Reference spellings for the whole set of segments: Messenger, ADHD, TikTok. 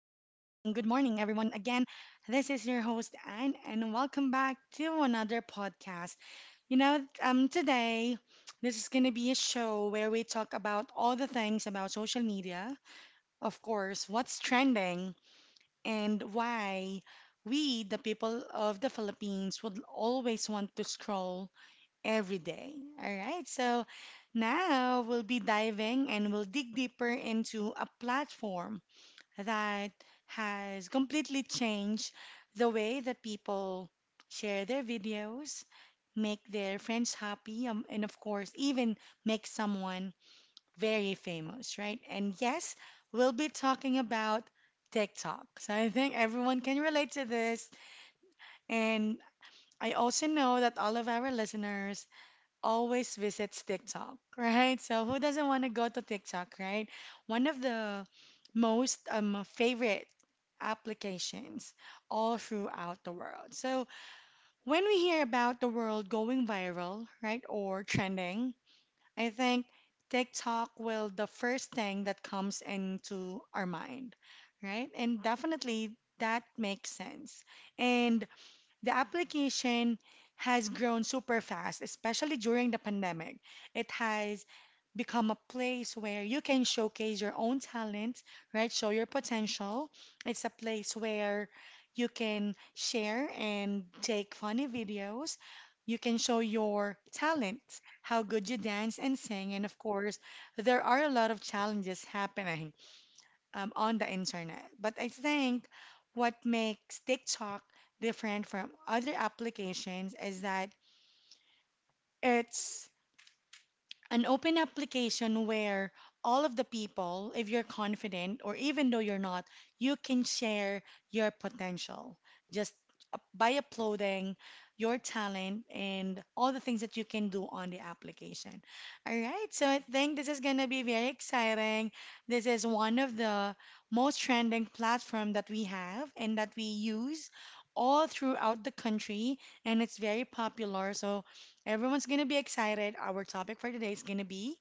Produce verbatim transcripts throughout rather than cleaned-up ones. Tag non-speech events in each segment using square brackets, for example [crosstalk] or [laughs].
Good morning, everyone. Again, this is your host, Anne, and welcome back to another podcast. You know, um, today, this is going to be a show where we talk about all the things about social media, of course, what's trending, and why we, the people of the Philippines, would always want to scroll every day. All right, so now we'll be diving and we'll dig deeper into a platform that has completely changed the way that people share their videos, make their friends happy, um, and of course, even make someone very famous, right? And yes, we'll be talking about TikTok. So I think everyone can relate to this. And I also know that all of our listeners always visits TikTok, right? So who doesn't want to go to TikTok, right? One of the most um, favorite applications all throughout the world. So when we hear about the world going viral, right, or trending, I think TikTok will the first thing that comes into our mind, right? And definitely that makes sense. And the application has grown super fast, especially during the pandemic. It has become a place where you can showcase your own talent, right? Show your potential. It's a place where you can share and take funny videos. You can show your talent, how good you dance and sing. And of course, there are a lot of challenges happening um, on the internet. But I think what makes TikTok different from other applications is that it's an open application where all of the people, if you're confident or even though you're not, you can share your potential just up- by uploading your talent and all the things that you can do on the application. All right, so I think this is going to be very exciting. This is one of the most trending platform that we have and that we use all throughout the country and it's very popular. So everyone's gonna be excited. Our topic for today is gonna be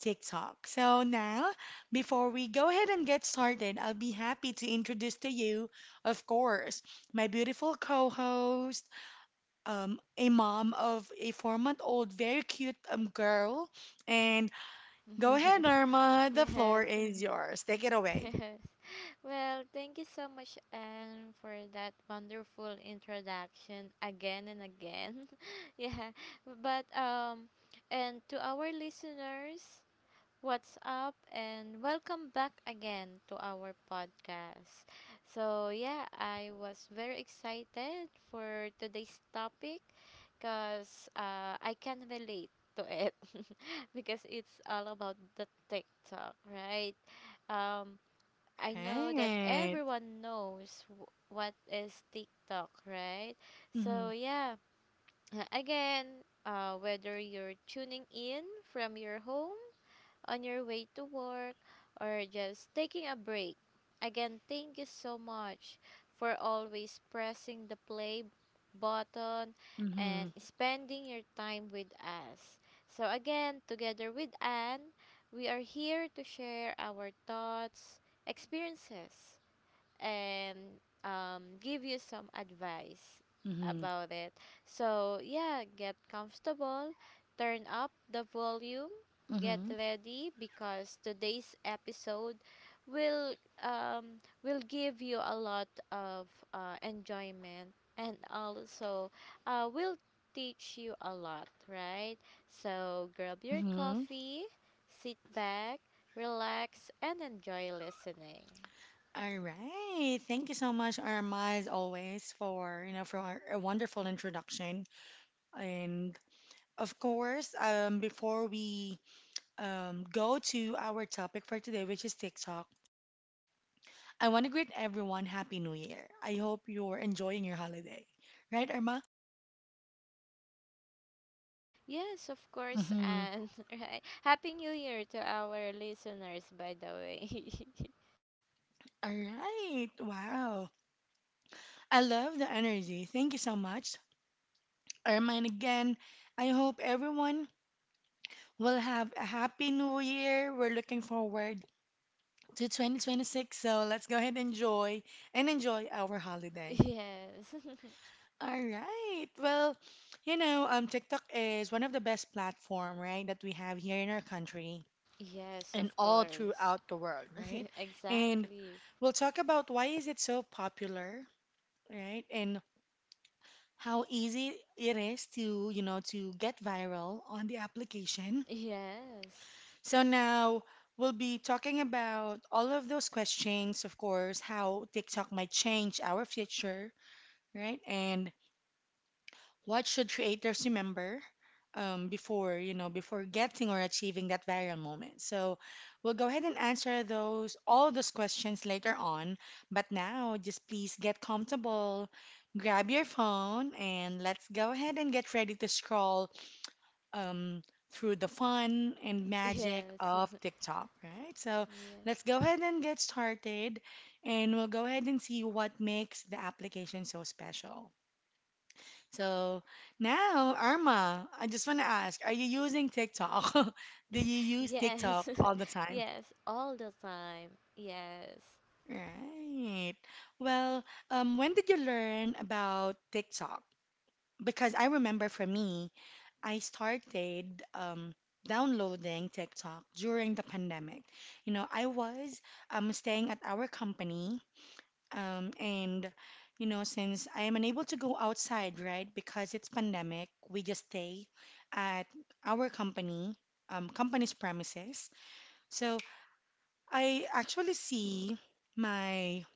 TikTok. So now, before we go ahead and get started, I'll be happy to introduce to you, of course, my beautiful co-host, um, a mom of a four-month-old, very cute um, girl. And go ahead, Norma. [laughs] The floor yes, is yours. Take it [laughs] away. yes. Well, thank you so much, Anne, for that wonderful introduction again and again. [laughs] yeah, but um, and to our listeners. What's up, and welcome back again to our podcast. So, yeah, I was very excited for today's topic because uh, I can relate to it [laughs] because it's all about the TikTok, right? Um, I know that Right. everyone knows w- what is TikTok, right? Mm-hmm. So, yeah, [laughs] [clears throat] again, uh, whether you're tuning in from your home on your way to work, or just taking a break. Again, thank you so much for always pressing the play button Mm-hmm. and spending your time with us. So, again, together with Anne, we are here to share our thoughts, experiences, and um, give you some advice Mm-hmm. about it. So, yeah, get comfortable, turn up the volume, get ready because today's episode will um, will give you a lot of uh, enjoyment and also uh, will teach you a lot, right? So, grab your Mm-hmm. coffee, sit back, relax, and enjoy listening. All right. Thank you so much, Irma, as always, for you know for our- a wonderful introduction. And of course, um, before we um, go to our topic for today, which is TikTok, I want to greet everyone Happy New Year. I hope you're enjoying your holiday, right, Irma? Yes, of course, Mm-hmm. and [laughs] right. Happy New Year to our listeners, by the way. All right. Wow. I love the energy. Thank you so much, Irma. And again, I hope everyone will have a happy new year. We're looking forward to twenty twenty-six. So let's go ahead and enjoy and enjoy our [laughs] holiday. yes. [laughs] All right. Well, you know, um, TikTok is one of the best platform, right, that we have here in our country yes, of and all course. throughout the world, [laughs] right? And Exactly. we'll talk about why is it so popular, right? And how easy it is to, you know, to get viral on the application. Yes. So now we'll be talking about all of those questions, of course, how TikTok might change our future, right? And what should creators remember um, before, you know, before getting or achieving that viral moment. So we'll go ahead and answer those, all those questions later on. But now, just please get comfortable, grab your phone, and let's go ahead and get ready to scroll um, through the fun and magic Yes. of TikTok, right? So [laughs] yes. let's go ahead and get started, and we'll go ahead and see what makes the application so special. So now, Arma, I just want to ask, are you using TikTok? [laughs] Do [laughs] you use TikTok Yes. all the [laughs] time? yes, all the time. Yes. Right. Well, um, when did you learn about TikTok? Because I remember for me, I started um, downloading TikTok during the pandemic. You know, I was um, staying at our company, um, and you know, since I am unable to go outside, right, because it's pandemic, we just stay at our company, um, company's premises. So I actually see my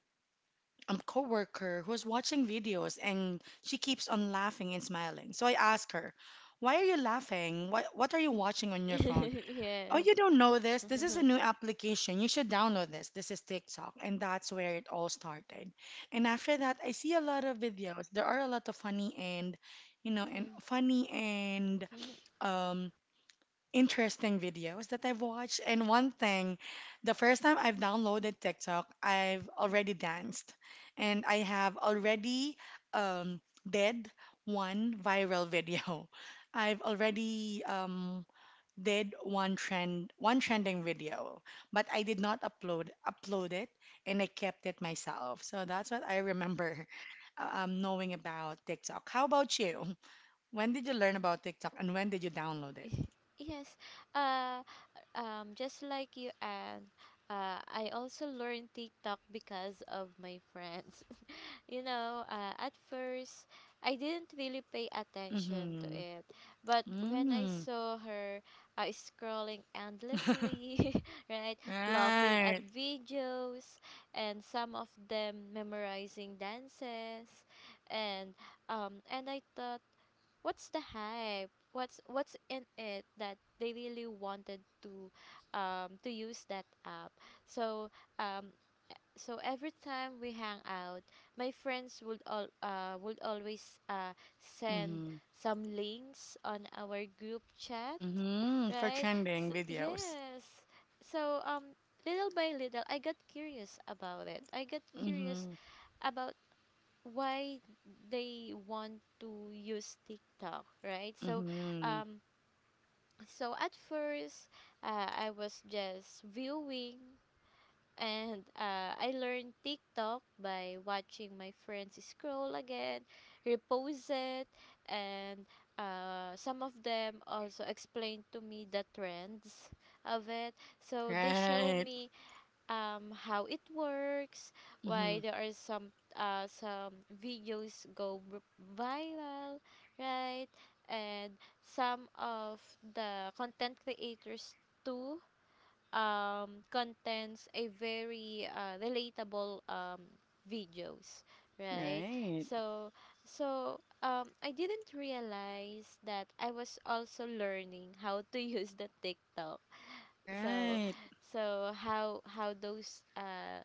um, coworker who's watching videos and she keeps on laughing and smiling. So I ask her, "Why are you laughing? What what are you watching on your phone?" [laughs] "Oh, yes. you don't know this. This is a new application. You should download this. This is TikTok." And that's where it all started. And after that, I see a lot of videos. There are a lot of funny and, you [laughs] know, yes. and funny and um interesting videos that I've watched. And one thing, the first time I've downloaded TikTok, I've already danced and I have already um, did one viral video. [laughs] I've already um, did one trend, one trending video, but I did not upload upload it and I kept it myself. So that's what I remember [laughs] um, knowing about TikTok. How about you? When did you learn [laughs] about TikTok Yes. and when did you download it? [laughs] Yes. Uh Um, just like you, and uh, I also learned TikTok because of my friends. [laughs] you know, uh, at first, I didn't really pay attention to Mm-hmm. it, but when I Mm. saw her uh, scrolling endlessly, [laughs] right, laughing at Right. videos, and some of them memorizing dances, and um, and I thought, what's the hype? What's what's in it that they really wanted to um to use that app? So um so every time we hang out, my friends would all uh would always uh send Mm-hmm. some links on our group chat, Mm-hmm. For right? trending So, videos. yes. So, um little by little I got curious about it. I got curious Mm-hmm. about why they want to use TikTok, right? So, mm-hmm. um, so at first, uh, I was just viewing, and uh, I learned TikTok by watching my friends scroll again, repost it, and uh, some of them also explained to me the trends of it. So they show Right. me, um, how it works, why Mm-hmm. there are some, uh, some videos go v- viral, right? And some of the content creators too, um, contents a very uh, relatable um, videos, right? Right. So so um, I didn't realize that I was also learning how to [laughs] use the TikTok. so Right. so how how those uh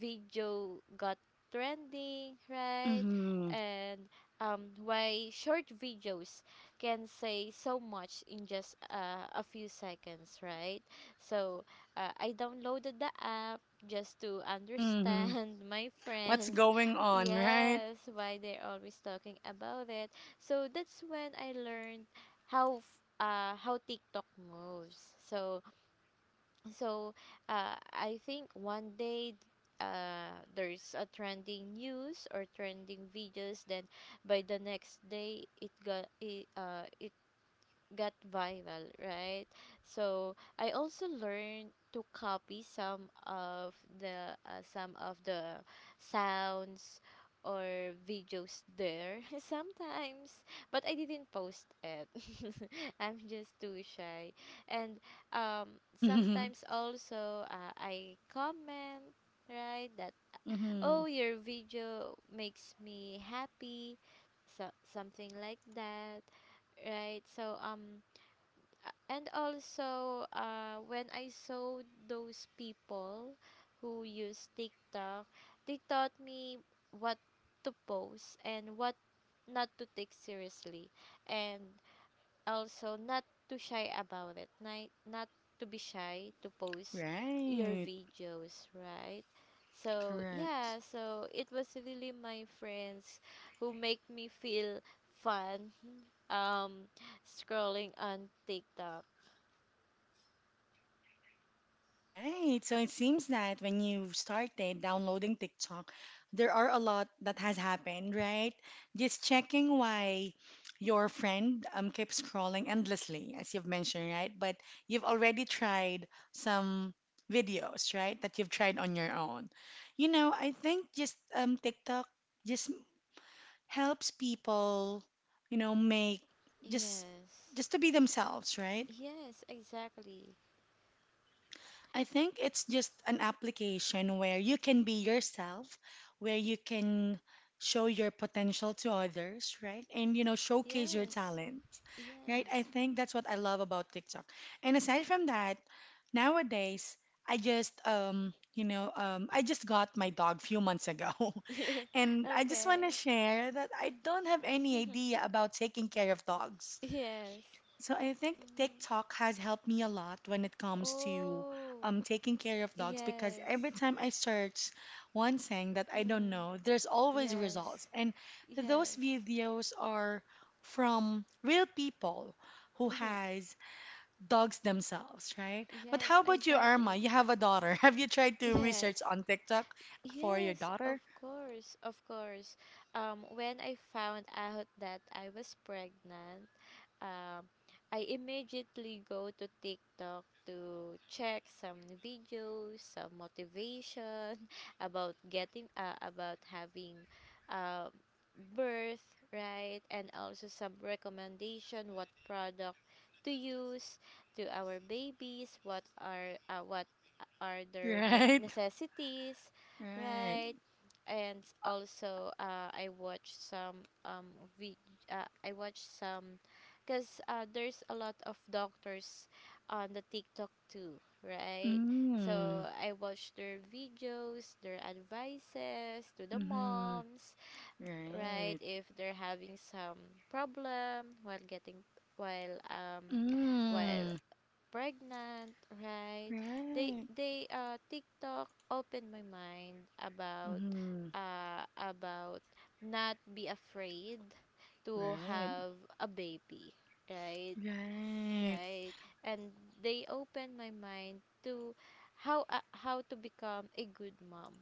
video got trending, right? Mm-hmm. And um why short videos can say so much in just uh, a few seconds, right? So uh, I downloaded the app just to Mm-hmm. understand [laughs] my What's friends, going on, right? yes, why they're always talking about it. So that's when I learned how f- uh, how TikTok moves. So so uh, I think one day uh, there's a trending news or trending videos. Then by the next day, it got it, uh, it got viral, right? So I also learned to copy some of the, uh, some of the sounds or videos there, [laughs] sometimes, but I didn't post it. [laughs] I'm just too shy, and um, [laughs] Mm-hmm. sometimes also, uh, I comment, right, that Mm-hmm. oh, your video makes me happy, so something like that, right. So um and also uh, when I saw those people who use TikTok, they taught me what to post and what not to take seriously, and also not to shy about it. Not not to be shy to post your Right. videos, right? So Correct. yeah, so it was really my friends who make me feel fun [laughs] um scrolling on TikTok. Right. So it seems that when you started downloading TikTok, there are a lot that has happened, right? Just checking why your friend um keeps scrolling endlessly, as you've mentioned, right? But you've already tried some videos, right? That you've tried on your own. You know, I think just um TikTok just helps people, you know, make just Yes. just to be themselves, right? Yes, exactly. I think it's just an application where you can be yourself, where you can show your potential to others, right? And you know, showcase your Yes. talent, right? I Yes. think that's what I love about TikTok. And aside from that, nowadays I just um, you know, um, I just got my dog few months ago, [laughs] [laughs] Yeah. and I just want to Okay. share that I don't have any idea [laughs] about taking care of dogs. yes. So I think Hmm. TikTok has helped me a lot when it comes to Oh, um, taking care of dogs because yes. every time I search one thing that I don't Hmm. know, there's always Yes. results. And those Yes. videos are from real people who Hmm. has dogs themselves, right? But how Yes, about you, Irma? exactly. You have a daughter. [laughs] Have you tried to Yes. research on TikTok for your Yes, of daughter? course. Of course. Um when I found out that I was pregnant, Um, I immediately go to TikTok to check some videos, some motivation [laughs] about getting uh, about having um birth, right? And also some recommendation what product to use to our babies, what are, uh, what are [laughs] their ne- Right? necessities, Right. right? And also uh, I watch some, um vi- uh, I watch some because uh, there's a lot of doctors on the TikTok too, right? Mm. So I watch their videos, their advices to the Mm-hmm. moms, right? Right. If they're having some problem while getting while um while Mm. pregnant, right? They Right. they uh TikTok opened my mind about, Mm-hmm. uh about not be afraid to Right. have a baby, right, Right. right and they opened my mind to how uh, how to become a good mom.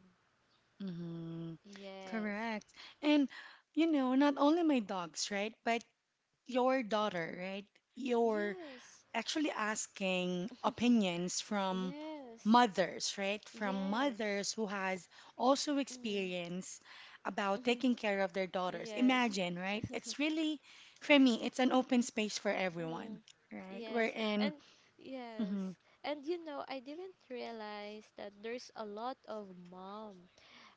Mm-hmm. Yes. Correct. And you know, not only my dogs, right? But your daughter, right? You're Yes. actually asking opinions [laughs] from yes. mothers, right? From mothers Yes. who has also Mm. experience about taking [laughs] care of their daughters. yes. Imagine, right? [laughs] It's really, for me, it's an open space for everyone, Mm. right? We're Yes, in. and yes, Mm-hmm, and you know, I didn't realize that there's a lot of mom,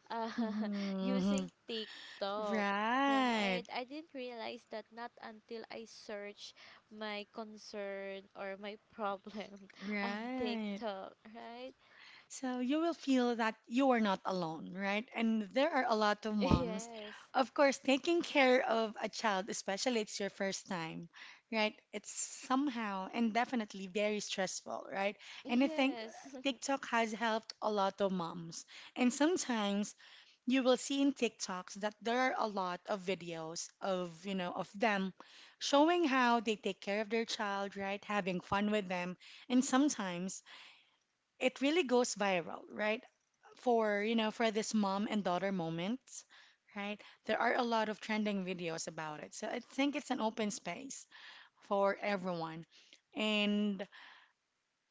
uh, mm-hmm, [laughs] mm-hmm. using TikTok, Right, right? I didn't realize that not until I search my concern or my problem [laughs] on right. TikTok, right? So you will feel that you are not alone, right? And there are a lot of [laughs] moms, Yes. of course, taking care of a child, especially it's your first time, right? It's somehow and definitely very stressful, right? And I think Yes. [laughs] TikTok has helped a lot of moms. And sometimes you will see in TikToks that there are a lot of videos of, you know, of them showing how they take care of their child, right? Having fun with them. And sometimes it really goes viral, right? For, you know, for this mom and daughter moments, right? There are a lot of trending videos about it. So I think it's an open space for everyone. And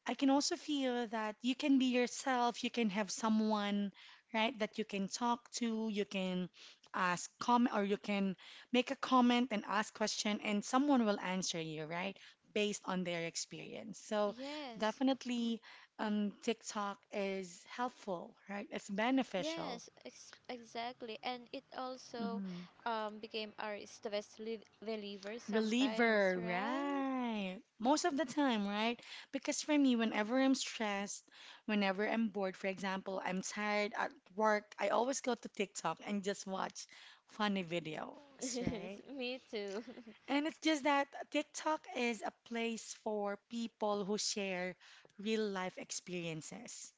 I can also feel that you can be yourself, you can have someone, right, that you can talk to, you can ask comment or you can make a comment and ask question and someone will answer you, right, based on their experience. So Yes. definitely um, TikTok is helpful, right? It's beneficial. Yes, ex- exactly. And it also Mm-hmm. um, became our stress rel- reliever sometimes, Reliever, right? right? Most of the time, right? Because for me, whenever I'm stressed, whenever I'm bored, for example, I'm tired at work, I always go to TikTok and just watch funny [laughs] videos, right? Yes, me too. And it's just that TikTok is a place for people who share real life experiences,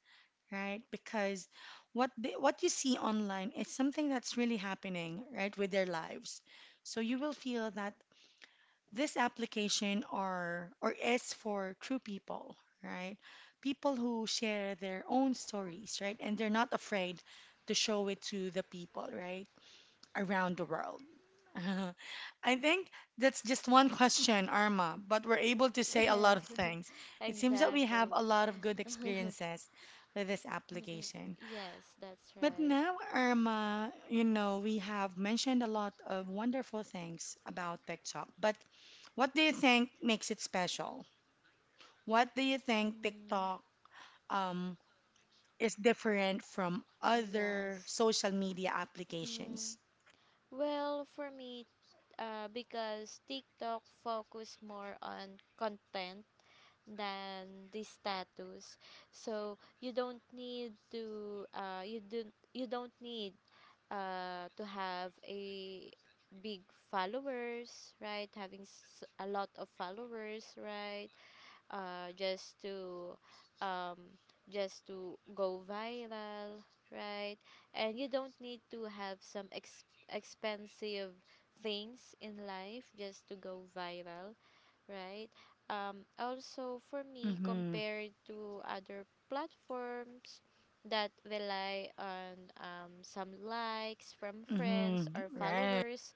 right? Because what they, what you see online is something that's really happening, right, with their lives. So you will feel that this application are or is for true people, right? People who share their own stories, right? And they're not afraid to show it to the people, right? Around the world. [laughs] I think that's just one question, Arma, but we're able to [laughs] say a lot Yes, of things. [laughs] It seems that we have exactly. a lot of good [laughs] experiences with this Mm-mm. application. Yes, that's But right. now, Irma, you know, we have mentioned a lot of wonderful things about TikTok, but what do you think makes it special? What do you think Mm, TikTok um, is different from other yes. social media applications? Mm. Well, for me, uh, because TikTok focus more on content than the status, so you don't need to uh, you don't you don't need uh, to have a big followers, right? Having s- a lot of followers, right? uh, just to, um, just to go viral, right? And you don't need to have some ex- expensive things in life just to go viral, right? Um, also, for me, Mm-hmm. compared to other platforms that rely on, um, some likes from friends Mm-hmm. or Right. followers,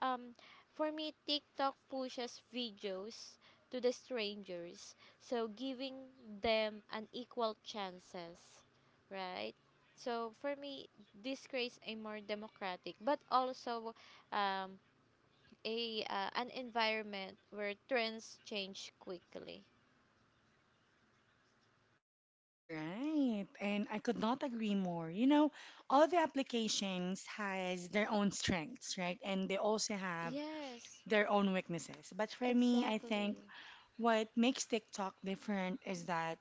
um, for me, TikTok pushes videos to the strangers, so giving them an equal chances, right? So for me, this creates a more democratic, but also, um, a uh, an environment where trends change quickly. Right. And I could not agree more. You know, all the applications has their own strengths, right? And they also have Yes, their own weaknesses. But for me, I think exactly. what makes TikTok different is that,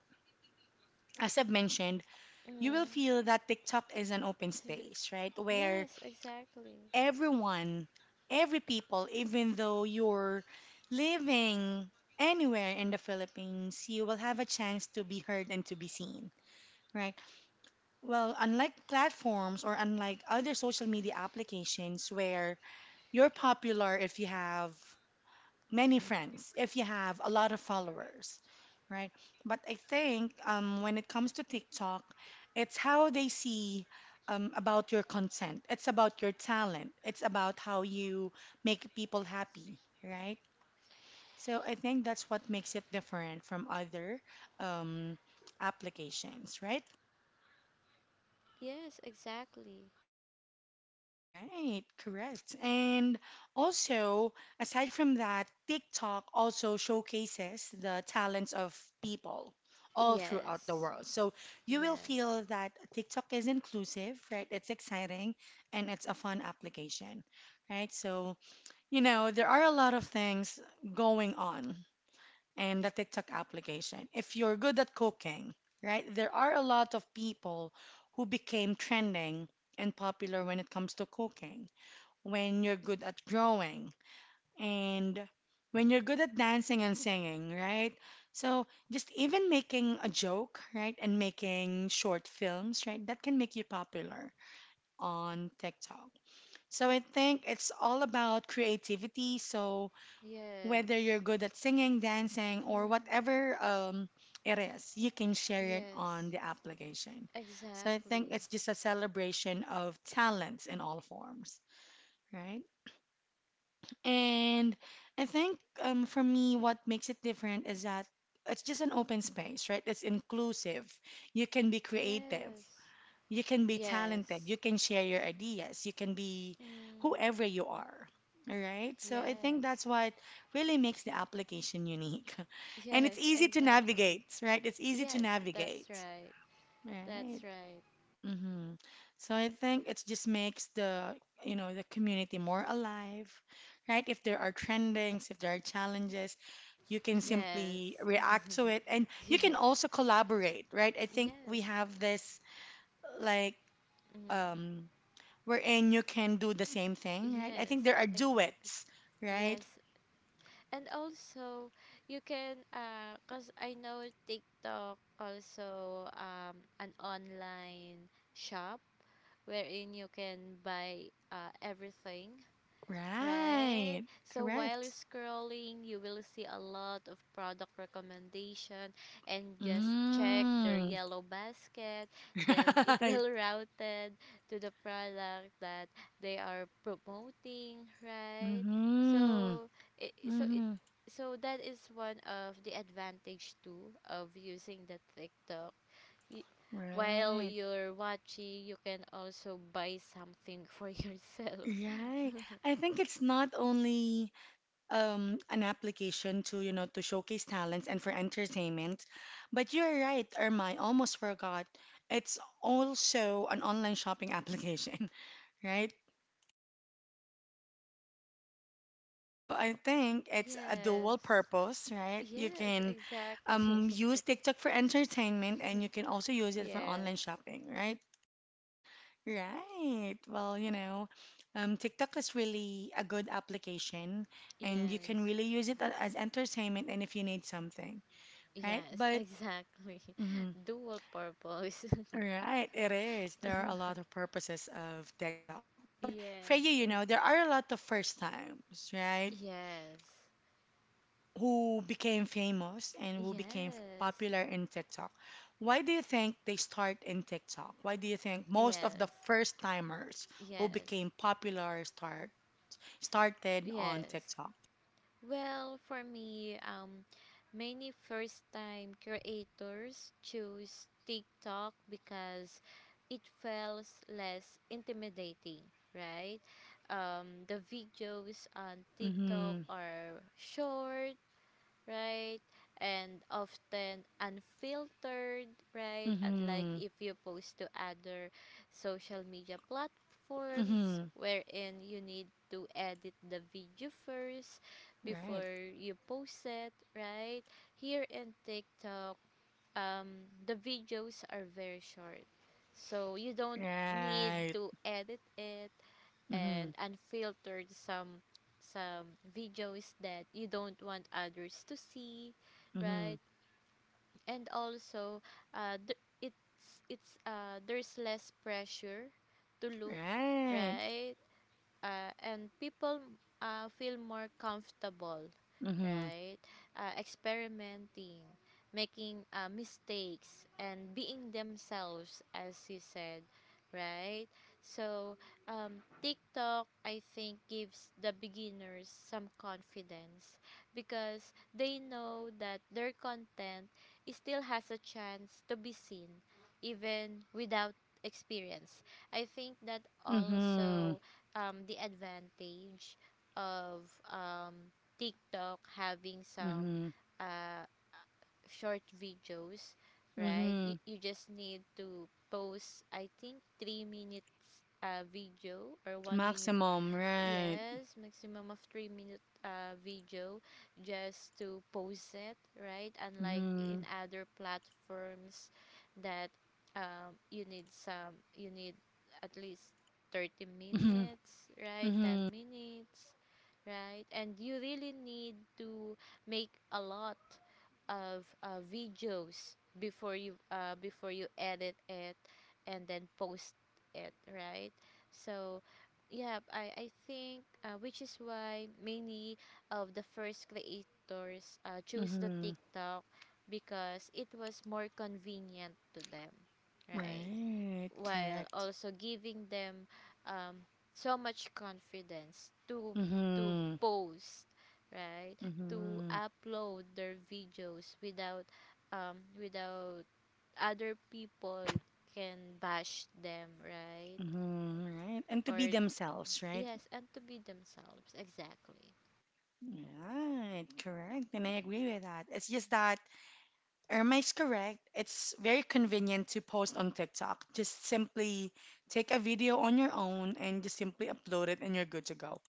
as I've mentioned, you will Mm. feel that TikTok is an open [laughs] space, right? Where yes, exactly. everyone, every people, even though you're living anywhere in the Philippines, you will have a chance to be heard and to be seen, right? Well, unlike platforms or unlike other social media applications where you're popular if you have many friends if you have a lot of followers, right? But I think um, when it comes to TikTok, it's how they see um, about your content, it's about your talent, it's about how you make people happy, right? So I think that's what makes it different from other um, applications, right? Yes, exactly. Right, correct. And also, aside from that, TikTok also showcases the talents of people all throughout the Yes, world. So you will yes, feel that TikTok is inclusive, right? It's exciting and it's a fun application, right? So, you know, there are a lot of things going on in the TikTok application. If you're good at cooking, right, there are a lot of people who became trending and popular when it comes to cooking when you're good at drawing and when you're good at dancing and singing, right? So just even making a joke, right, and making short films, right, that can make you popular on TikTok. So I think it's all about creativity. So whether yes. you're good at singing, dancing, or Mm. whatever um, it is, you can share it Yes, on the application. So I think exactly. it's just a celebration of talents in all forms, right? And I think um, for me, what makes it different is that it's just an open space, right? It's inclusive. You can be creative. Yes, You can be talented. You yes. can share your ideas. You can be Mm. whoever you are. All right. So I think that's Yes, what really makes the application unique. [laughs] And it's yes, [laughs] easy to exactly. navigate, right? It's easy to Yes, navigate. that's right. Right. That's right. hmm So I think it just makes the, you know, the community more alive, right? If there are trendings, if there are challenges, you can simply Yes. react to it and [laughs] you can yes. also collaborate, right? I think we Yes. have this like Mm. um wherein you can do the same thing, right? I think Yes, there are exactly. duets, right? Yes. And also, you can uh 'cause I know TikTok also, um an online shop wherein you can buy uh everything, right? Right. So while you Correct. scrolling, you will see a lot of product recommendation and just check their Mm. yellow basket. Then it [laughs] Right. will [laughs] routed to the product that they are promoting, right? Mm-hmm. So it, so it, Mm-hmm. so that is one of the advantage too of using the TikTok. Y- While Right. you're watching, you can also buy something for [laughs] yourself. Right. [laughs] I think it's not only um, an application to, you know, to showcase talents and for entertainment, but you're right, Irma, I almost forgot. It's also an online shopping application, [laughs] right? So I think it's a dual Yes. purpose, right? You Yes, can um, exactly. use [laughs] TikTok for entertainment and you can also use it for Yes. online shopping, right? Right. Well, you know, um, TikTok is really a good application and you can Yes. really use it a- as entertainment and if you need something, right? Yes, But, exactly. mhm, [laughs] Dual purpose. [laughs] right, it is. There are a lot of purposes of TikTok. But for you, yes. you know, there Ex- are a lot of first times, right? yes. Who became famous and who became Yes. popular in TikTok. Why do you think they start in TikTok? Why do you think Yes. most of the Yes. first timers who Yes. became popular start? Started on Yes. TikTok. Well, for me, um, many first time creators choose TikTok because it feels less intimidating, right? Um, the videos on TikTok Mm-hmm. are short, right? And often unfiltered, right? Unlike Mm-hmm. if you post to other social media platforms Mm-hmm. wherein you need to edit the video first Right. before you post it, right? Here in TikTok, um, the videos are very short, so you don't need Right. to edit it Mm-hmm. and unfiltered some, some videos that you don't want others to see, Mm-hmm. right? And also, uh, th- it's it's uh, there's less pressure to look, Right. right? Uh, and people uh, feel more comfortable, Mm-hmm. right, uh, experimenting, making uh, mistakes and being themselves, as you said, right. So um, TikTok, I think, gives the beginners some confidence because they know that their content is still has a chance to be seen even without experience. I think that Mm-hmm. also, um, the advantage of, um, TikTok having some, Mm-hmm. uh, short videos, right? You, Mm-hmm. you just need to post, I think, three minutes uh, video or one minute. Maximum, right. Yes, maximum of three minute uh, video just to post it, right. Unlike in Mm-hmm. other platforms that, um, you need, some you need at least thirty Mm-hmm. minutes, right, ten Mm-hmm. minutes, right, and you really need to make a lot of uh, videos before, you uh, before you edit it and then post it, right. So yeah, I, I think uh, which is why many of the first creators, uh, chose the Mm-hmm. TikTok because it was more convenient to them, right? Right. While Correct. also giving them, um, so much confidence to to Mm-hmm. post, right? To Mm-hmm. upload their videos without um, without other people can bash them, right? Mm-hmm. Right. And to be Or, themselves, right? yes, and to be themselves. Exactly. Right. Correct. And I agree with that. It's just that Irma is correct. It's very convenient to post on TikTok. Just simply take a video on your own and just simply upload it and you're good to go.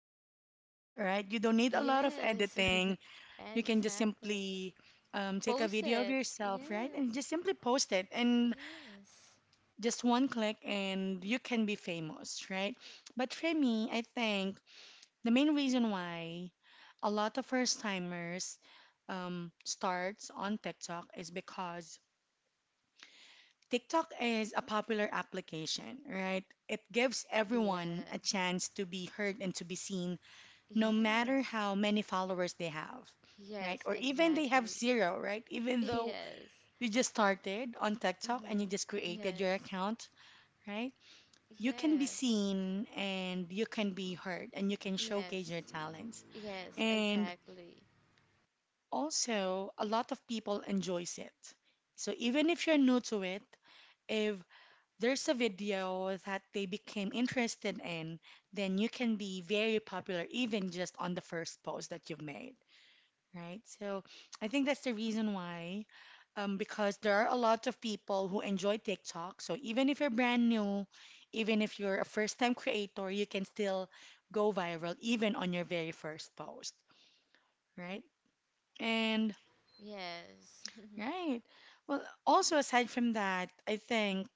All right? You don't need a lot of Yes. editing. [laughs] You can just exactly. simply um, take a Post video of it. yourself, right? And just Yes. simply post it. And Yes. just one click and you can be famous, right? But for me, I think the main reason why a lot of first timers um, starts on TikTok is because TikTok is a popular application, right? It gives everyone a Yes. chance to be heard and to be seen, no matter Yes. how many followers they have, right? Yes, Or even they have exactly. zero, right? [laughs] Even though Yes. you just started on TikTok and you Mhm. just created your Yes. account, right? You can be Yes. seen and you can be heard and you can showcase Yes. your talents. Yes, And exactly. also, a lot of people enjoys it. So even if you're new to it, if there's a video that they became interested in, then you can be very popular even just on the first post that you've made, right? So I think that's the reason why, um, because there are a lot of people who enjoy TikTok. So even if you're brand new, even if you're a first-time creator, you can still go viral even on your very first post, right? And Yes. right. Well, also aside from that, I think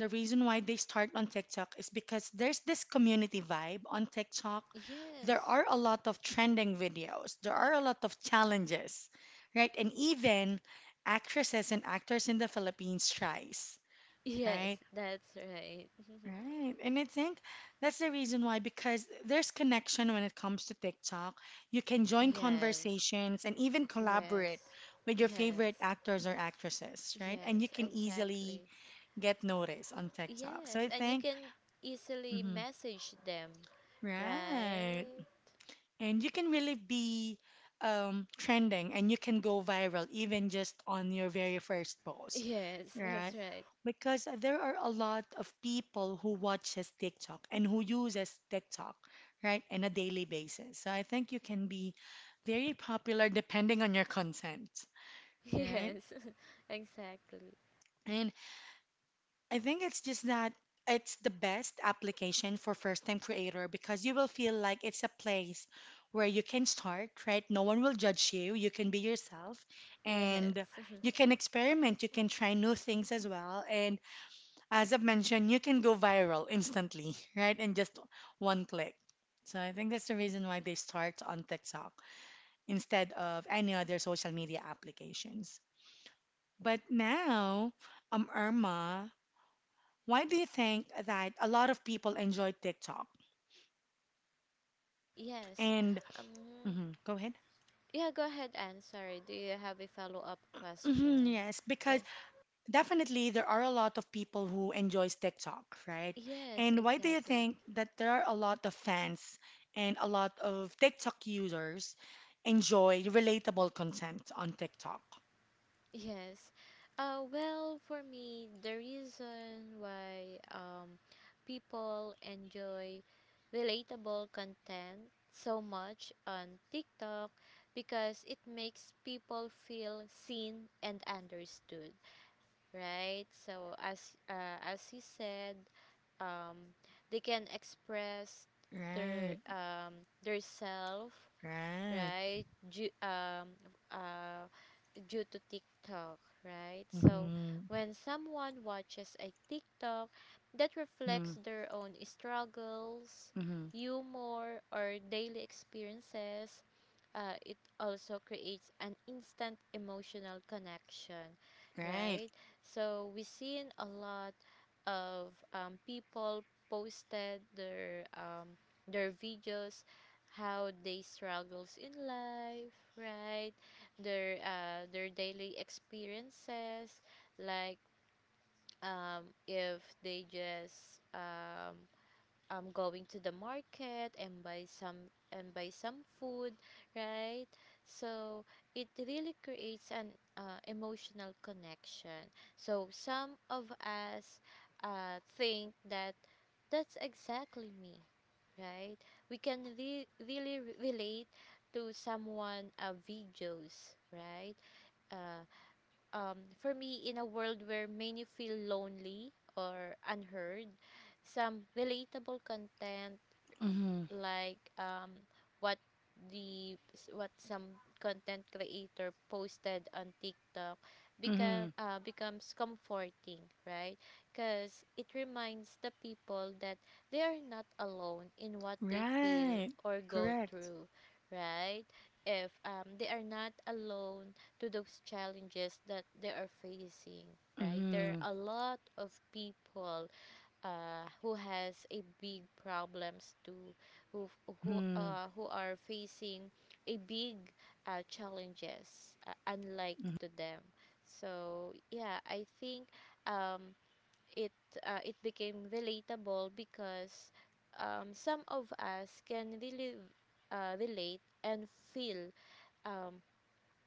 the reason why they start on TikTok is because there's this community vibe on TikTok. [laughs] There yes. are a lot of trending videos, there are a lot of challenges, right? And even actresses and actors in the Philippines tries, Yes, right? that's right. Right. And I think that's the reason why, because there's connection when it comes to TikTok. You can [laughs] join yes. conversations and even Yes. collaborate with your favorite Yes. actors or actresses, right? And you Yes, can easily exactly. get noticed on TikTok. So Yes, I and you think can easily hmm message them, right? right. [laughs] And you can really be um, trending and you can go viral even just on your very first post, Yes, that's right? right. Because there are a lot of people who watches TikTok and who uses TikTok, right, on a daily basis. So I think you can be very popular depending on your content, [laughs] right? Yes, [laughs] exactly. And I think it's just that it's the best application for first time creator because you will feel like it's a place where you can start, right? No one will judge you. You can be yourself Yes. and [laughs] you can experiment. You can try new things as well. And as I've mentioned, you can go viral instantly, [laughs] right? In just one click. So I think that's the reason why they start on TikTok instead of any other social media applications. But now, um, Irma, why do you think that a lot of people enjoy TikTok? yes. And Um mhm, go ahead. yeah, go ahead, Anne. Sorry. Do you have a follow-up Mhm, question? yes, because Yes. definitely there are a lot of people who enjoys TikTok, right? Yes, And why do you exactly. think that there are a lot of fans and a lot of TikTok users enjoy relatable content on TikTok? Yes. Uh, well, for me, the reason why um, people enjoy relatable content so much on TikTok because it makes people feel seen and understood, right? So as, uh, as you said, um, they can express their Right, um their self, right. right? Ju- um uh due to TikTok, right? So Mm-hmm, when someone watches a TikTok that mm-hmm, reflects their own struggles, mm-hmm. humor, or daily experiences, uh, it also creates an instant emotional connection, Right. right? So we seen a lot of um, people posted their um, their videos how they struggles in life, right, their uh, their daily experiences, like um, if they just um, um going to the market and buy some and buy some food, right, so it really creates an uh, emotional connection, so some of us uh, think that that's exactly me, right, we can re- really re- relate to someone uh, videos, right. uh, um, for me, in a world where many feel lonely or unheard, some relatable content, Mm-hmm, like um, what the what some content creator posted on TikTok, mm-hmm. become uh, becomes comforting, right? Because it reminds the people that they are not alone in what they feel Right. or go Correct. through, right? If um, they are not alone to those challenges that they are facing, right? There Mm-hmm, are a lot of people uh, who has a big problems to who who mm-hmm. uh, who are facing a big uh, challenges, uh, unlike to them. So yeah, I think um, it uh, it became relatable because um, some of us can really uh, relate and feel um,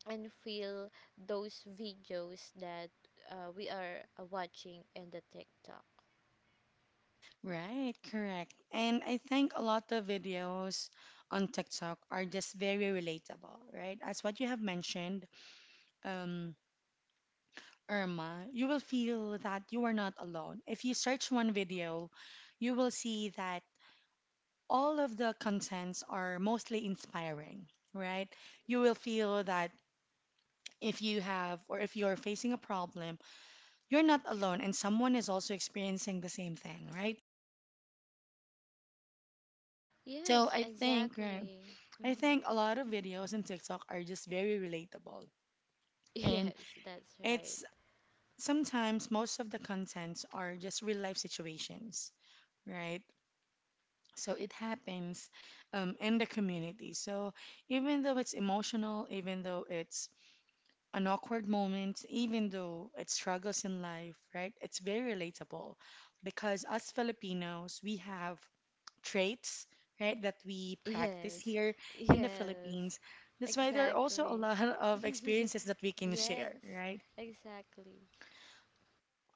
and feel those videos that uh, we are uh, watching in the TikTok. Right, correct. And I think a lot of videos on TikTok are just very relatable, right? As what you have mentioned, um, Irma, you will feel that you are not alone. If you search one video, you will see that all of the contents are mostly inspiring, right? You will feel that if you have or if you're facing a problem, you're not alone and someone is also experiencing the same thing, right? So Yes, I think, right? exactly. I Mhm. think a lot of videos in TikTok are just very relatable. [laughs] And Yes, that's right. it's sometimes most of the contents are just real life situations, right? So it happens um, in the community. So even though it's emotional, even though it's an awkward moment, even though it struggles in life, right? It's very relatable because us Filipinos, we have traits, right, that we practice Yes, here in the yes, Philippines. That's why there are also a exactly. lot [laughs] of experiences that we [laughs] can yes, share, right? exactly.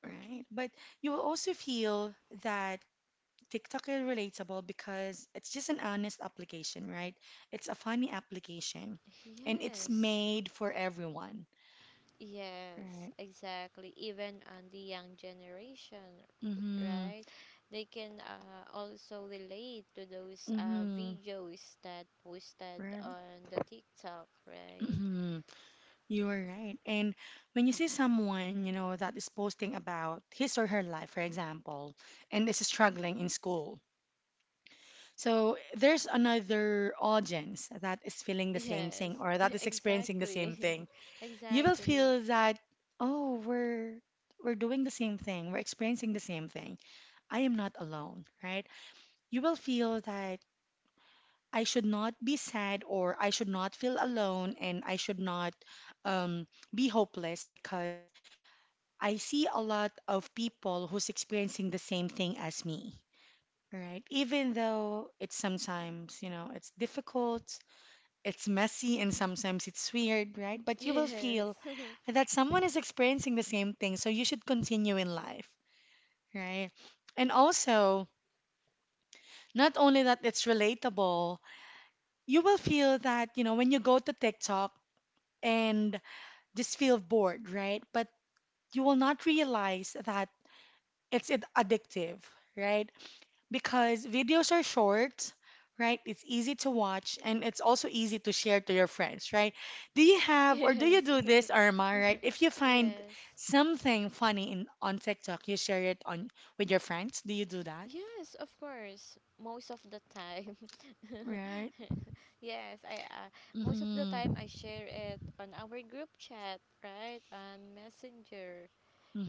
Right. But you will also feel that TikTok is relatable because it's just an honest application, right? It's a funny application and it's Yes, made for everyone, yes, right? exactly. Even on the young generation, Mm-hmm. right? They can, uh, also relate to those uh, Mm-hmm. videos that posted Right. on the TikTok, right? Mm-hmm. You are right. And when you see someone, you know, that is posting about his or her life, for example, and is struggling in school. So there's another audience that is feeling the same thing Yes, or [laughs] that is experiencing the same exactly, thing. [laughs] You will exactly. feel that, oh, we're we're doing the same thing. We're experiencing the same thing. I am not alone, right? You will feel that I should not be sad or I should not feel alone and I should not um, be hopeless because I see a lot of people who's experiencing the same thing as me, right? Even though it's sometimes, you know, it's difficult, it's messy, and sometimes it's weird, right? But you will Yes. feel that someone is experiencing the same thing, so you should continue in life, right? And also, not only that it's relatable, you will feel that, you know, when you go to TikTok and just feel bored, right? But you will not realize that it's ad- addictive, right? Because videos are short, right? It's easy to watch and it's also easy to share to your friends, right? Do you [laughs] have or do you yes. do this, [laughs] Irma, right? If you find yes. something funny in on TikTok, you share it on with your friends. Do you do that? Yes, of course. Most of the time. [laughs] Right? yes, I uh, most of the hmm time I share it on our group chat, right? On Messenger,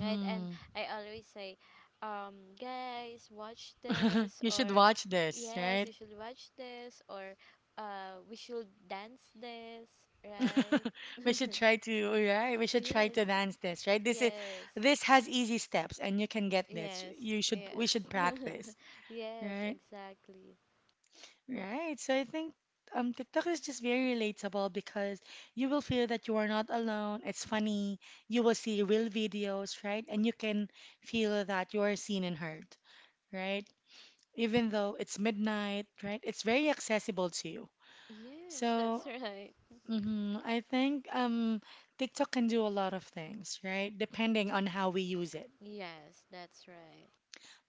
right? And I always say, um, guys, watch [laughs] this, You should or watch this, yes, right? you should watch this, or uh, we should dance this, right? [laughs] [laughs] We should try to, right? We should try yes. to dance this, right? This is Yes. this has easy steps and you can get this. Yes, You should we yes. should [laughs] practice, yes, right? exactly. Right. So I think um TikTok is just very relatable because you will feel that you are not alone. It's funny. You will see real videos, right? And you can feel that you are seen and heard, right? Even though it's midnight, right? It's very accessible to you. Yes, that's So right. mhm, I think um TikTok can do a lot of things, right? Depending on how we use it. Yes, that's right.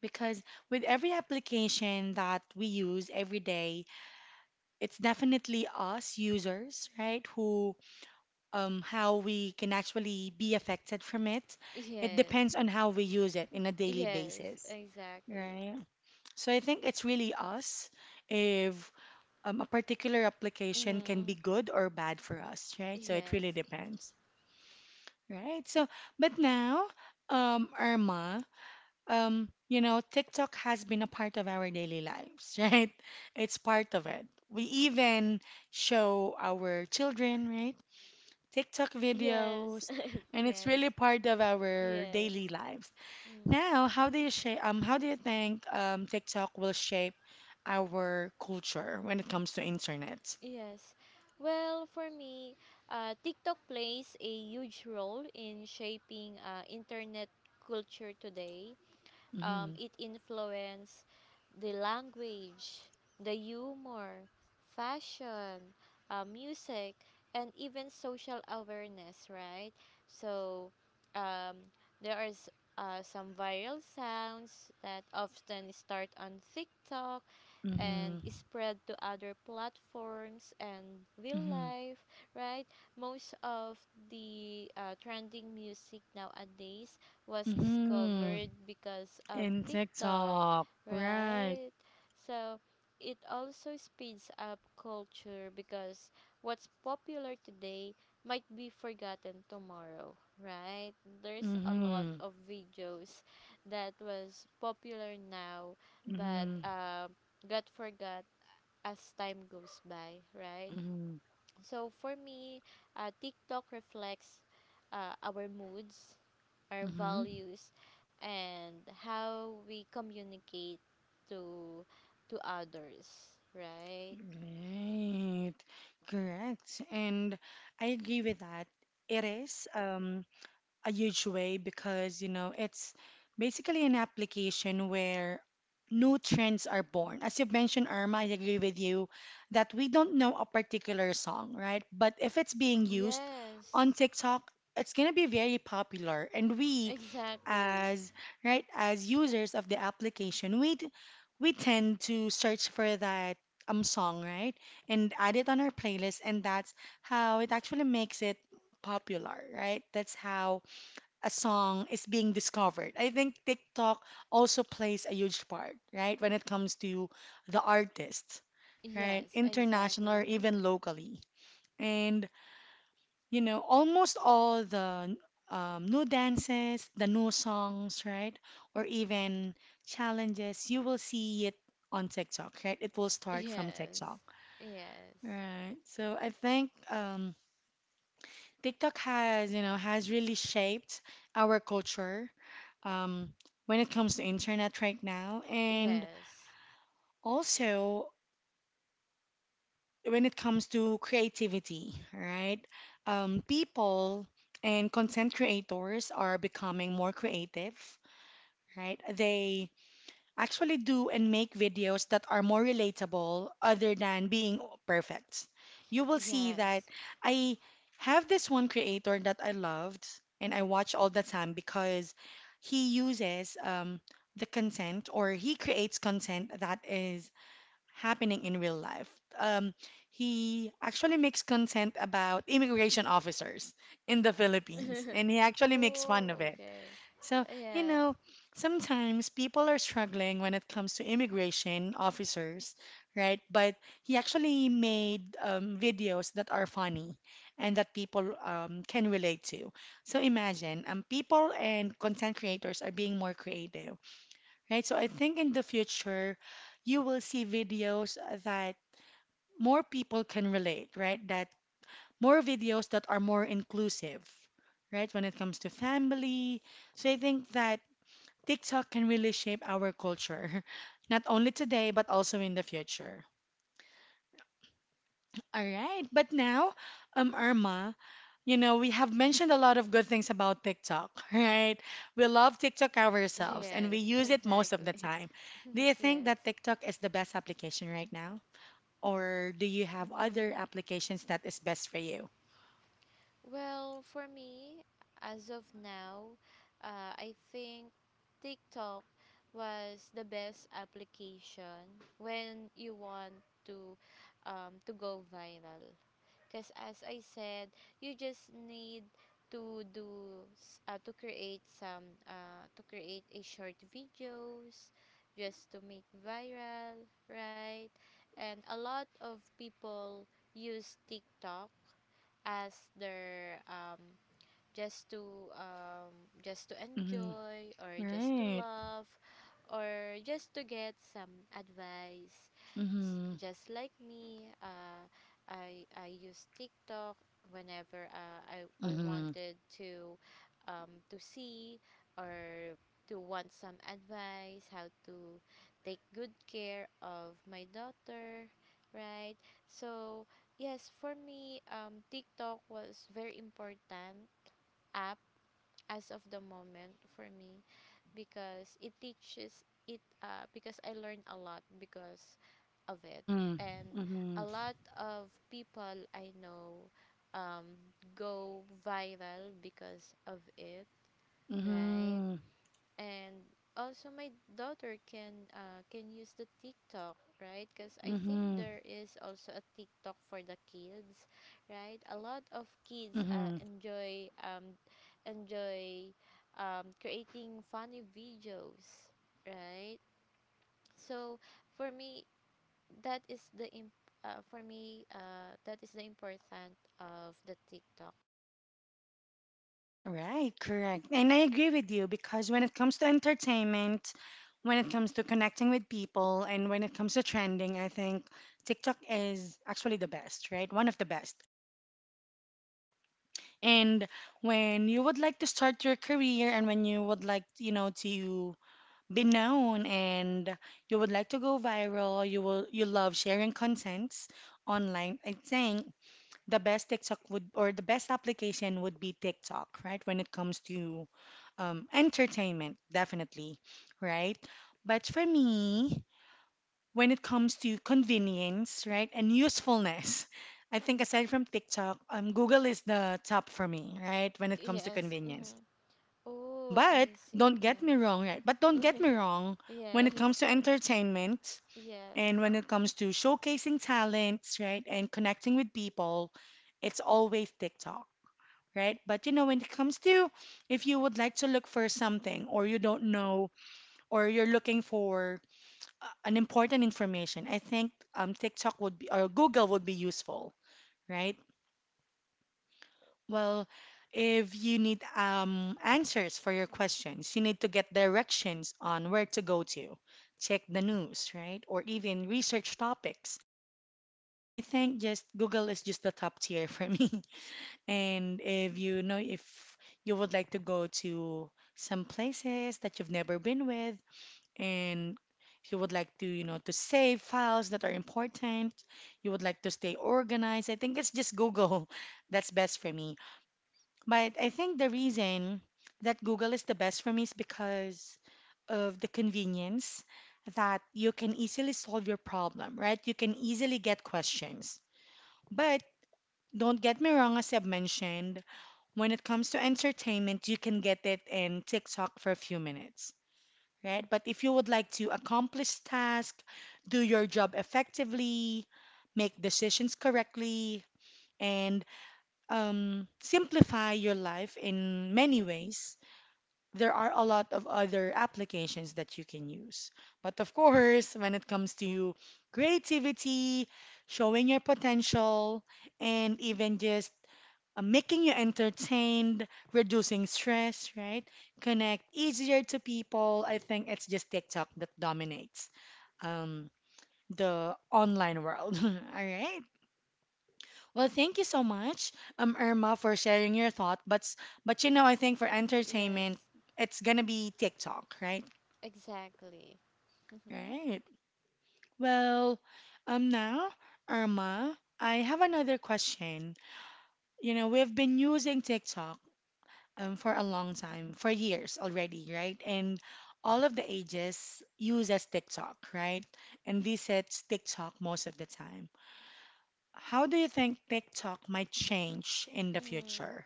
Because with every application that we use every day, it's definitely us users, right, who um, how we can actually be affected from it. It Yes, depends on how we use it in a daily yes, basis, exactly. right? So I think it's really us if um, a particular application can be Mm, good or bad for us, right? So it really yes, depends, right? So, but now, um, Irma, um, you know, TikTok has been a part of our daily lives, [laughs] right? It's part of it. We even show our children, right? TikTok yes, videos, [laughs] and it's yes, really part of our yes, daily lives. mm, Now, how do you shape, um, how do you think um, TikTok will shape our culture when it comes to internet? yes. Well, for me, uh, TikTok plays a huge role in shaping uh, internet culture today. um, Mm-hmm, It influenced the language, the humor, fashion, uh, music, and even social awareness, right? So um, there are s- uh, some viral sounds that often start on TikTok and mm-hmm, spread to other platforms and real mm-hmm, life, right? Most of the uh, trending music nowadays was mm-hmm. discovered because of In TikTok, TikTok, right? right? So it also speeds up culture, because what's popular today might be forgotten tomorrow, right? There's a lot Mm-hmm, of videos that was popular now, but mm-hmm, um, got forgot as time goes by, right? mm-hmm, So for me, uh, TikTok reflects uh, our moods, our mm-hmm. values, and how we communicate to to others, right? Right, correct, and I agree with that. It is. Um, a huge way because, you know, it's basically an application where new trends are born. As you mentioned, Irma, I agree with you that we don't know a particular song, right? But if it's being used Yes, on TikTok, it's going to be very popular. And we, exactly. as right, as users of the application, we d- we tend to search for that um song, right? And add it on our playlist, and that's how it actually makes it popular, right? That's how a song is being discovered. I think TikTok also plays a huge part, right, when it comes to the artists, right, Yes, international exactly. or even locally. And, you know, almost all the um, new dances, the new songs, right, or even challenges, you will see it on TikTok, right? It will start from TikTok. Yes, yes, Right. So I think um, TikTok has, you know, has really shaped our culture um, when it comes to internet right now, and yes, also when it comes to creativity, right? Um, people and content creators are becoming more creative, right? They actually do and make videos that are more relatable other than being perfect. You will see that yes. I have this one creator that I loved and I watch all the time because he uses um, the content or he creates content that is happening in real life. Um, he actually makes content about immigration officers in the Philippines and he [laughs] actually makes fun of oh, it. okay. So, you Yes, know, sometimes people are struggling when it comes to immigration officers, right? But he actually made um, videos that are funny and that people um, can relate to. So imagine, um, people and content creators are being more creative, right? So I think in the future, you will see videos that more people can relate, right? That more videos that are more inclusive, right? When it comes to family. So I think that TikTok can really shape our culture, [laughs] not only today, but also in the future. All right, but now, um, Irma, you know, we have mentioned a lot of good things about TikTok, [laughs] right? We love TikTok ourselves and we yes, [laughs] use it most of the exactly. [laughs] time. Do you think Yes. that TikTok is the best application right now? Or do you have other Mm. applications that is best for you? Well, for me, as of now, uh, I think TikTok was the best application when you want to um, to go viral. Because as I said, you just need to do s- uh, to create some uh, to create a short videos just to make viral, right? And a lot of people use TikTok as their um, just to um, just to Mm-hmm. enjoy, or just to Right. love, or just to get some advice. S- Mm-hmm. Just like me, uh, I, I use TikTok whenever uh, I, I Mm-hmm. wanted to um, to see, or to want some advice how to take good care of my daughter, right? So yes, for me, um, TikTok was very important app as of the moment for me, because it teaches it uh, because I learned a lot because of it, Mm-hmm. and a Mm-hmm. lot of people I know um, go viral because of it, right? Mm-hmm. And also my daughter can, uh, can use the TikTok, right? Because I think there is also a TikTok for the kids, right? A lot of kids uh, Mm-hmm. enjoy um enjoy um creating funny videos, right? So for me, that is the imp- uh, for me, uh, that is the important of the TikTok. Right, correct. And I agree with you because when it comes to entertainment, when it comes to connecting with people, and when it comes to trending, I think TikTok is actually the best, right? One of the best. And when you would like to start your career and when you would like, you know, to be known and you would like to go viral, you will you love sharing contents online. I think the best TikTok would or the best application would be TikTok, right? When it comes to um, entertainment, definitely, right? But for me, when it comes to convenience, right, and usefulness, I think aside from TikTok, um, Google is the top for me, right, when it comes to Yes. convenience. Mm-hmm. Oh, But I see. don't get me wrong, Yes. right? But don't get me wrong, [laughs] when it yes. comes to [laughs] entertainment Yes, and when it comes to showcasing talents, right, and connecting with people, it's always TikTok, right? But you know, when it comes to if you would like to look for something or you don't know or you're looking for uh, an important information, I think um, TikTok would be or Google would be useful, right? Well, if you need um, answers for your questions, you need to get directions on where to go to, check the news, right? Or even research topics. I think just Google is just the top tier [laughs] for me. And if you know if you would like to go to some places that you've never been with, and if you would like to, you know, to save files that are important, you would like to stay organized, I think it's just Google [laughs] that's best for me. But I think the reason that Google is the best for me is because of the convenience that you can easily solve your problem, right? You can easily get questions. But don't get me wrong, as I've mentioned, when it comes to entertainment, you can get it in TikTok for a few minutes, right? But if you would like to accomplish task, do your job effectively, make decisions correctly, and um, simplify your life in many ways, there are a lot of other applications that you can use. But of course, when it comes to creativity, showing your potential, and even just uh, making you entertained, reducing stress, right? Connect easier to people. I think it's just TikTok that dominates um, the online world. [laughs] All right. Well, thank you so much, um, Irma, for sharing your thought. But s- but you know, I think for entertainment, yes, it's gonna be TikTok, right? exactly. [laughs] Right. Well, um, now, Irma, I have another question. You know, we've been using TikTok um, for a long time, for years already, right? And all of the ages uses TikTok, right? And this sets TikTok most of the time. How do you think TikTok might change in the mm. future?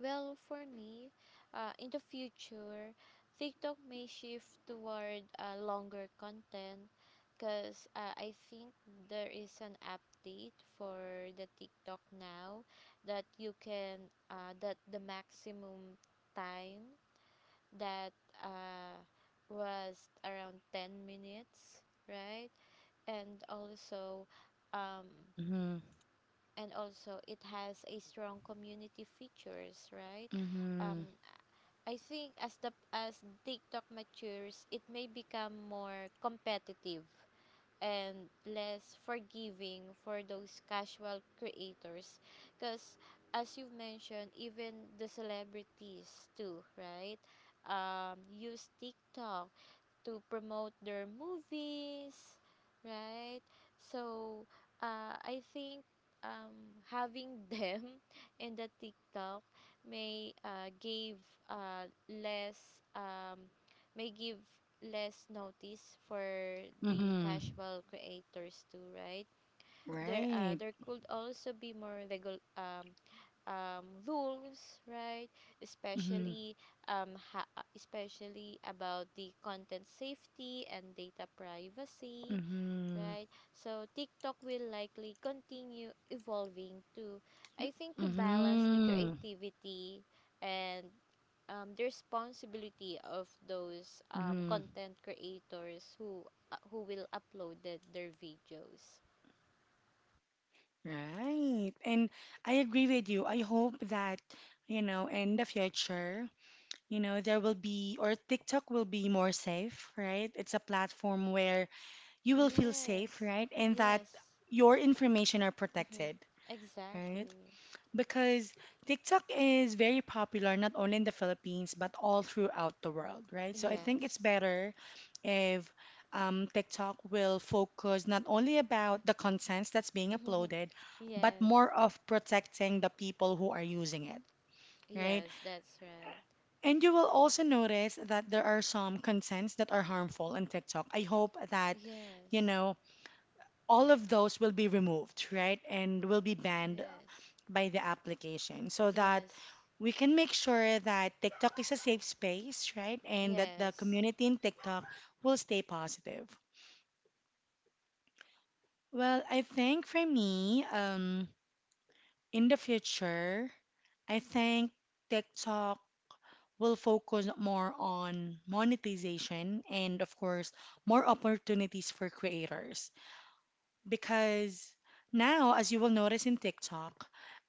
Well, for me, uh, in the future, TikTok may shift toward uh, longer content, because uh, I think there is an update for the TikTok now that you can, uh, that the maximum time that uh, was around ten minutes, right? And also, um, Mm-hmm. and also it has a strong community features, right? um, Mm-hmm. I think as the as TikTok matures, it may become more competitive and less forgiving for those casual creators, because as you've mentioned, even the celebrities too, right? Um, use TikTok to promote their movies, right? So, uh, I think um, having [laughs] them in the TikTok may uh, give uh, less um, may give less notice for the Mm-hmm. casual creators too, right? There, uh, Right. there could also be more regul- um, um, rules, right? Mm-hmm. Especially um, ha- uh, especially about the content safety and data privacy, Mm-hmm. right? So TikTok will likely continue evolving to, I think, to balance the Mm-hmm. creativity and um, the responsibility of those um, Mm-hmm. content creators who uh, who will upload the, their videos. Right. And I agree with you. I hope that, you know, in the future, you know, there will be or TikTok will be more safe, right? It's a platform where you will feel safe, Yes, right? And that yes, your information are hmm protected, right? exactly. Because TikTok is very popular not only in the Philippines but all throughout the world, right? So I think it's Yes. better if um, TikTok will focus not only about the contents that's being uploaded [laughs] but yes. more of protecting the people who are using it, right? Yes, that's right. And you will also notice that there are some contents that are harmful on TikTok. I hope that, you Yes. know, all of those will be removed, right? And will be banned Yes. by the application so that Yes. we can make sure that TikTok is a safe space, right? And that the Yes. community in TikTok will stay positive. Well, I think for me, um, in the future, I think TikTok will focus more on monetization and, of course, more opportunities for creators. Because now, as you will notice in TikTok,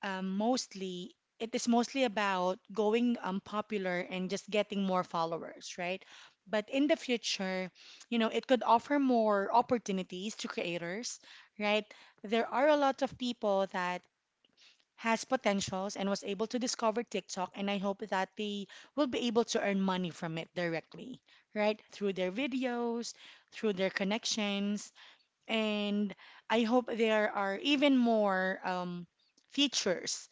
um, mostly it is mostly about going um, popular and just getting more followers, right? But in the future, you know, it could offer more opportunities to creators, right? There are a lot of people that has potentials and was able to discover TikTok and I hope that they will be able to earn money from it directly, right? Through their videos, through their connections, and I hope there are even more um, features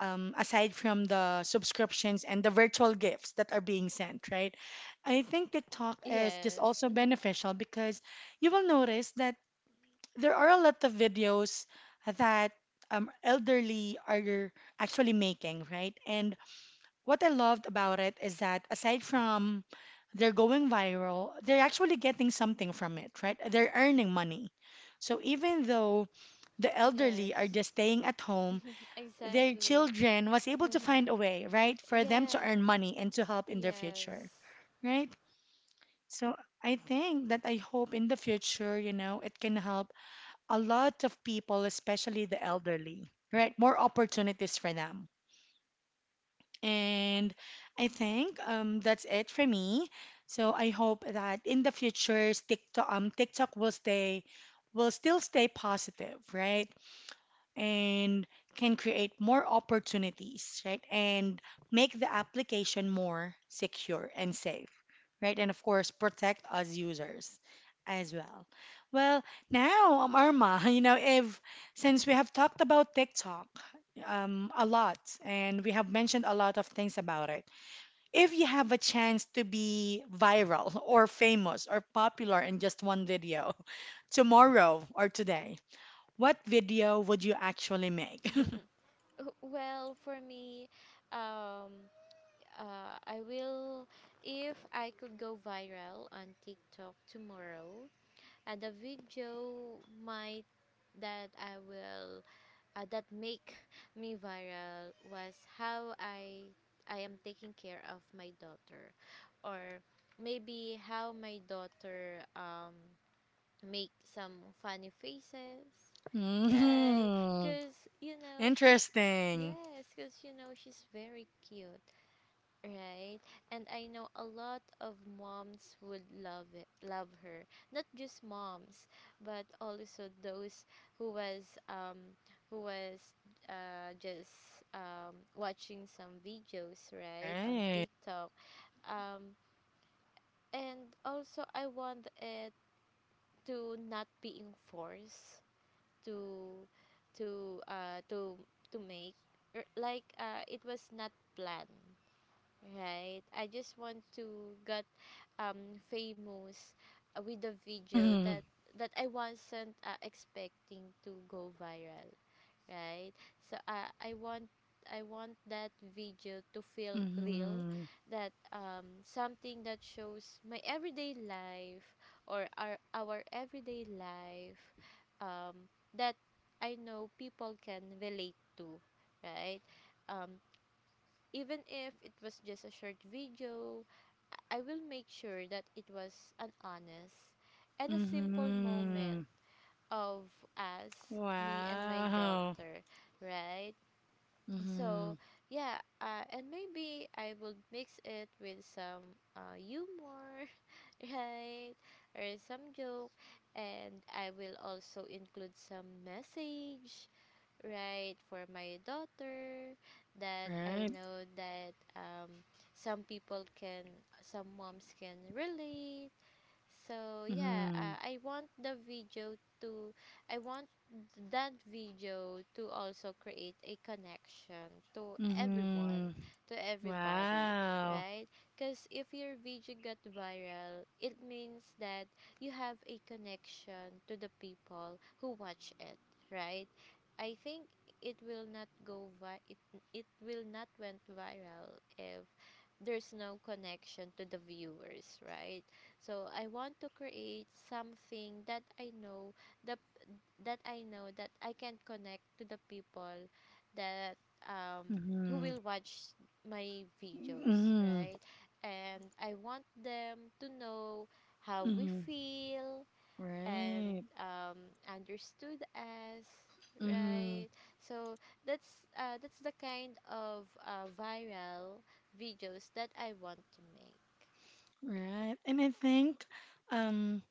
um, aside from the subscriptions and the virtual gifts that are being sent, right? I think TikTok is just Yes. also beneficial because you will notice that there are a lot of videos that um, elderly are actually making, right? And what I loved about it is that aside from they're going viral, they're actually getting something from it, right? They're earning money. So even though the [laughs] elderly are yes. just staying at home, their Exactly. children was able to [laughs] find a way, right, for them to earn yes. money and to help in their future, Yes. right? So I think that I hope in the future, you know, it can help a lot of people, especially the elderly, right? More opportunities for them. And I think um, that's it for me. So I hope that in the future, TikTok, um, TikTok will stay, will still stay positive, right? And can create more opportunities, right? And make the application more secure and safe, right? And of course, protect us users as well. Well, now, um, Arma, [laughs] you know, if since we have talked about TikTok um, a lot and we have mentioned a lot of things about it, if you have a chance to be viral [laughs] or famous or popular in just one video [laughs] tomorrow or today, what video would you actually make? [laughs] [laughs] W- well, for me, um uh I will, if I could go viral on TikTok tomorrow, and the video might, that I will uh, that make [laughs] me viral was how I I am taking care of my daughter, or maybe how my daughter um make some funny faces, right? Mm, Cause you know she's sh interesting. yes, cause you know she's very cute. Right. And I know a lot of moms would love it, love her. Not just moms, but also those who was um who was uh just um watching some videos, right, on Right. TikTok. Um and also, I want it to not being forced to to uh to to make, Er, like, uh it was not planned, right? I just want to get um famous, uh, with a video that [laughs] that I wasn't uh, expecting to go viral, right? So, uh, I want I want that video to feel real, Mhm. that um something that shows my everyday life, or our our everyday life, um that I know people can relate to, right? Um, Even if it was just a short video, I I will make sure that it was an honest and a simple Mm-hmm. moment of us, me and my Wow. daughter, right? Mm-hmm. So, yeah, uh, and maybe I will mix it with some uh, humor, [laughs] right? Or some joke, and I will also include some message, right, for my daughter that I Right. know that um, some people can, some moms can relate. So yeah, Mm-hmm. uh, I want the video to I want that video to also create a connection to Mm-hmm. everyone, to everybody, Wow. right? Cuz if your video got viral, it means that you have a connection to the people who watch it, right? I think it will not go vi- it, it will not went viral if there's no connection to the viewers, right? So I want to create something that I know the that I know that I can connect to the people that um who Mm-hmm. will watch my videos, Mm-hmm. right? And I want them to know how we Mm-hmm. feel, and Right. um, understood as, Mm-hmm. right? So that's, uh, that's the kind of uh, viral videos that I want to make. Right. And I think, um,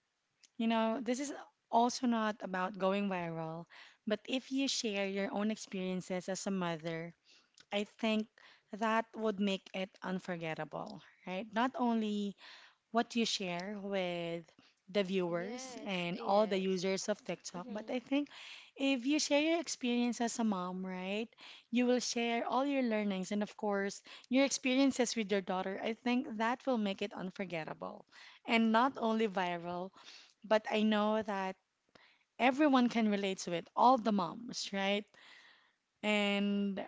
you know, this is also not about going viral, but if you share your own experiences as a mother, I think that would make it unforgettable, right? Not only what you share with the viewers Yes, and all the yes, users of TikTok. But mm-hmm. I think if you share your experience as a mom, right, you will share all your learnings and, of course, your experiences with your daughter. I think that will make it unforgettable and not only viral, but I know that everyone can relate to it, all the moms, right? And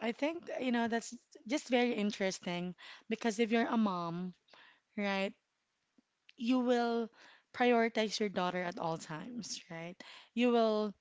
I think, you know, that's just very interesting because if you're a mom, right? You will prioritize your daughter at all times, right? You will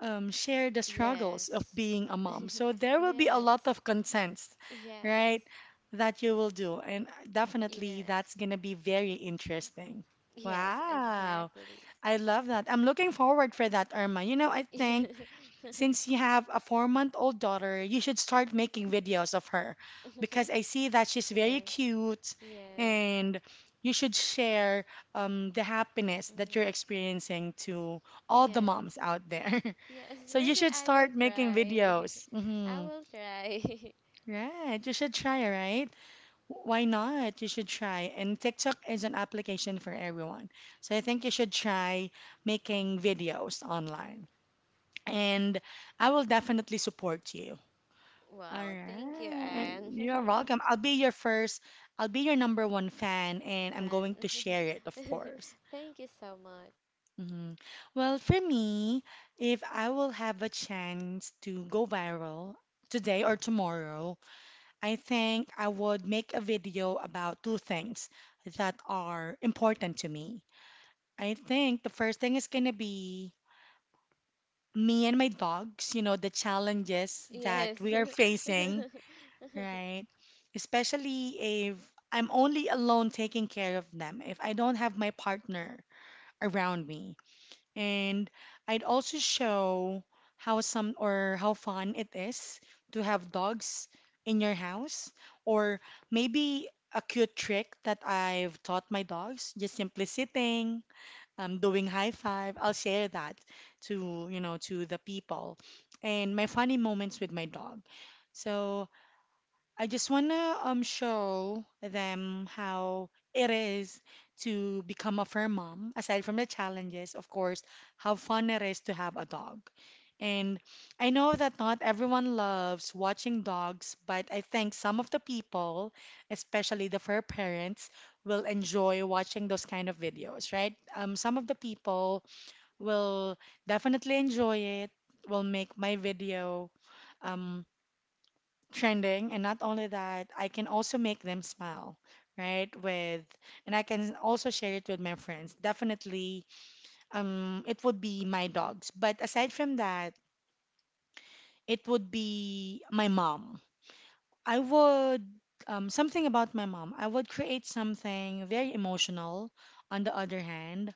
um, share the struggles of Yes, being a mom. So there will be a lot yes, of contents, right, yes, that you will do. And definitely yes, that's going to be very interesting. yes, Wow. exactly. I love that. I'm looking forward for that, Irma. You know, I [laughs] think yeah, since you have a four-month-old daughter, you should start making videos of her because I see that she's very yeah, cute, yes, and you should share um, the happiness that you're mm-hmm. experiencing to all the moms Yes, out there. [laughs] yes, So you maybe should I will start making try. videos. [laughs] I Hmm. will try. [laughs] Right. You should try, right? W- Why not? You should try. And TikTok is an application for everyone. So I think you should try making videos online. And I will definitely support you. All Wow, thank you, right. Anne. [laughs] You're welcome. I'll be your first, I'll be your number one fan, and I'm Fun. going to share it, of [laughs] course. Thank you so much. Hmm. Well, for me, if I will have a chance to go viral today or tomorrow, I think I would make a video about two things that are important to me. I think the first thing is going to be me and my dogs, you know, the challenges that Yes. we are [laughs] facing. Right. Especially if I'm only alone taking care of them, if I don't have my partner around me. And I'd also show how some or how fun it is to have dogs in your house, or maybe a cute trick that I've taught my dogs, just simply sitting, um, doing high five. I'll share that to, you know, to the people, and my funny moments with my dog. So, I just want to um show them how it is to become a fur mom. Aside from the challenges, of course, how fun it is to have a dog. And I know that not everyone loves watching dogs, but I think some of the people, especially the fur parents, will enjoy watching those kind of videos, right? Um, some of the people will definitely enjoy it, will make my video Um, trending. And not only that, I can also make them smile, right, with, and I can also share it with my friends. Definitely, um it would be my dogs, but aside from that, it would be my mom. I would, um, something about my mom, I would create something very emotional on the other hand.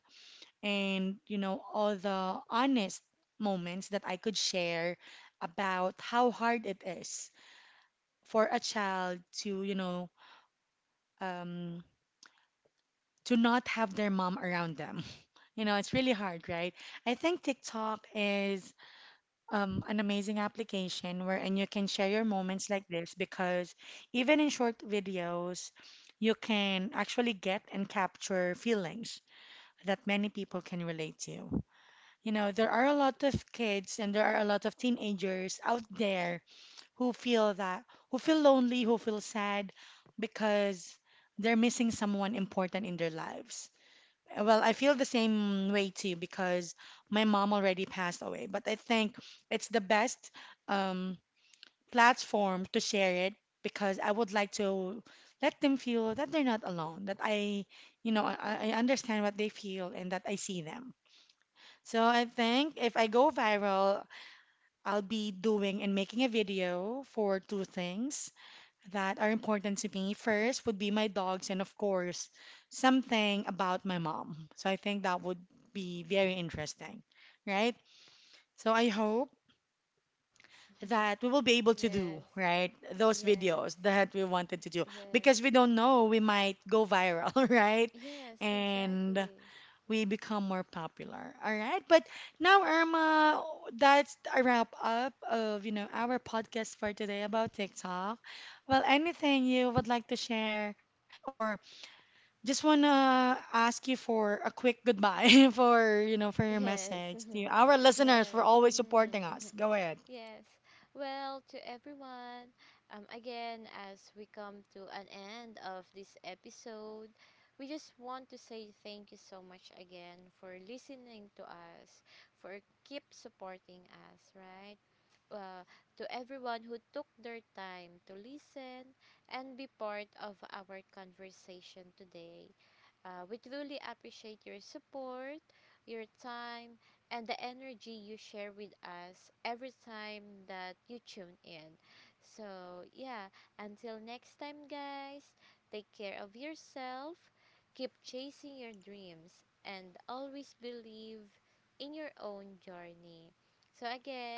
And you know all the honest moments that I could share about how hard it is for a child to, you know, um, to not have their mom around them. [laughs] You know, it's really hard, right? I think TikTok is um, an amazing application wherein you can share your moments like this because even in short videos, you can actually get and capture feelings that many people can relate to. You know, there are a lot of kids and there are a lot of teenagers out there who feel that, who feel lonely, who feel sad because they're missing someone important in their lives. Well, I feel the same way too because my mom already passed away, but I think it's the best um, platform to share it because I would like to let them feel that they're not alone, that I, you know, I, I understand what they feel and that I see them. So I think if I go viral, I'll be doing and making a video for two things that are important to me. First would be my dogs and, of course, something about my mom. So I think that would be very interesting, right? So I hope that we will be able to do, yes. right, those Yes. videos that we wanted to do Yes. because we don't know, we might go viral, [laughs] right? Yes, And exactly. we become more popular. All right. But now, Irma, that's a wrap up of, you know, our podcast for today about TikTok. Well, anything you would like to share, or just want to ask you for a quick goodbye [laughs] for, you know, for your Yes. message to our [laughs] listeners for yes. always supporting Mm. us. [laughs] Go ahead. Yes. Well, to everyone, um, again, as we come to an end of this episode, we just want to say thank you so much again for listening to us, for keep supporting us, right? Uh, to everyone who took their time to listen and be part of our conversation today. Uh, we truly appreciate your support, your time, and the energy you share with us every time that you tune in. So, yeah, until next time, guys, take care of yourself, keep chasing your dreams, and always believe in your own journey. So,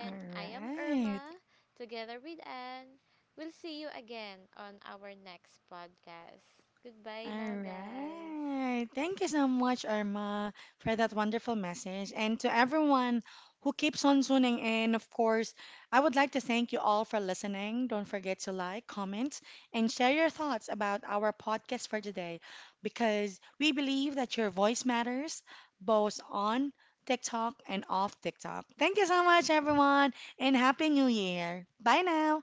All I am right. Irma, together with Anne. We'll see you again on our next podcast. Goodbye All now, guys. right. Thank you so much, Irma, for that wonderful message. And to everyone who keeps on tuning in, of course, I would like to thank you all for listening. Don't forget to like, comment, and share your thoughts about our podcast for today because we believe that your voice matters both on TikTok and off TikTok. Thank you so much, everyone, and Happy New Year. Bye now.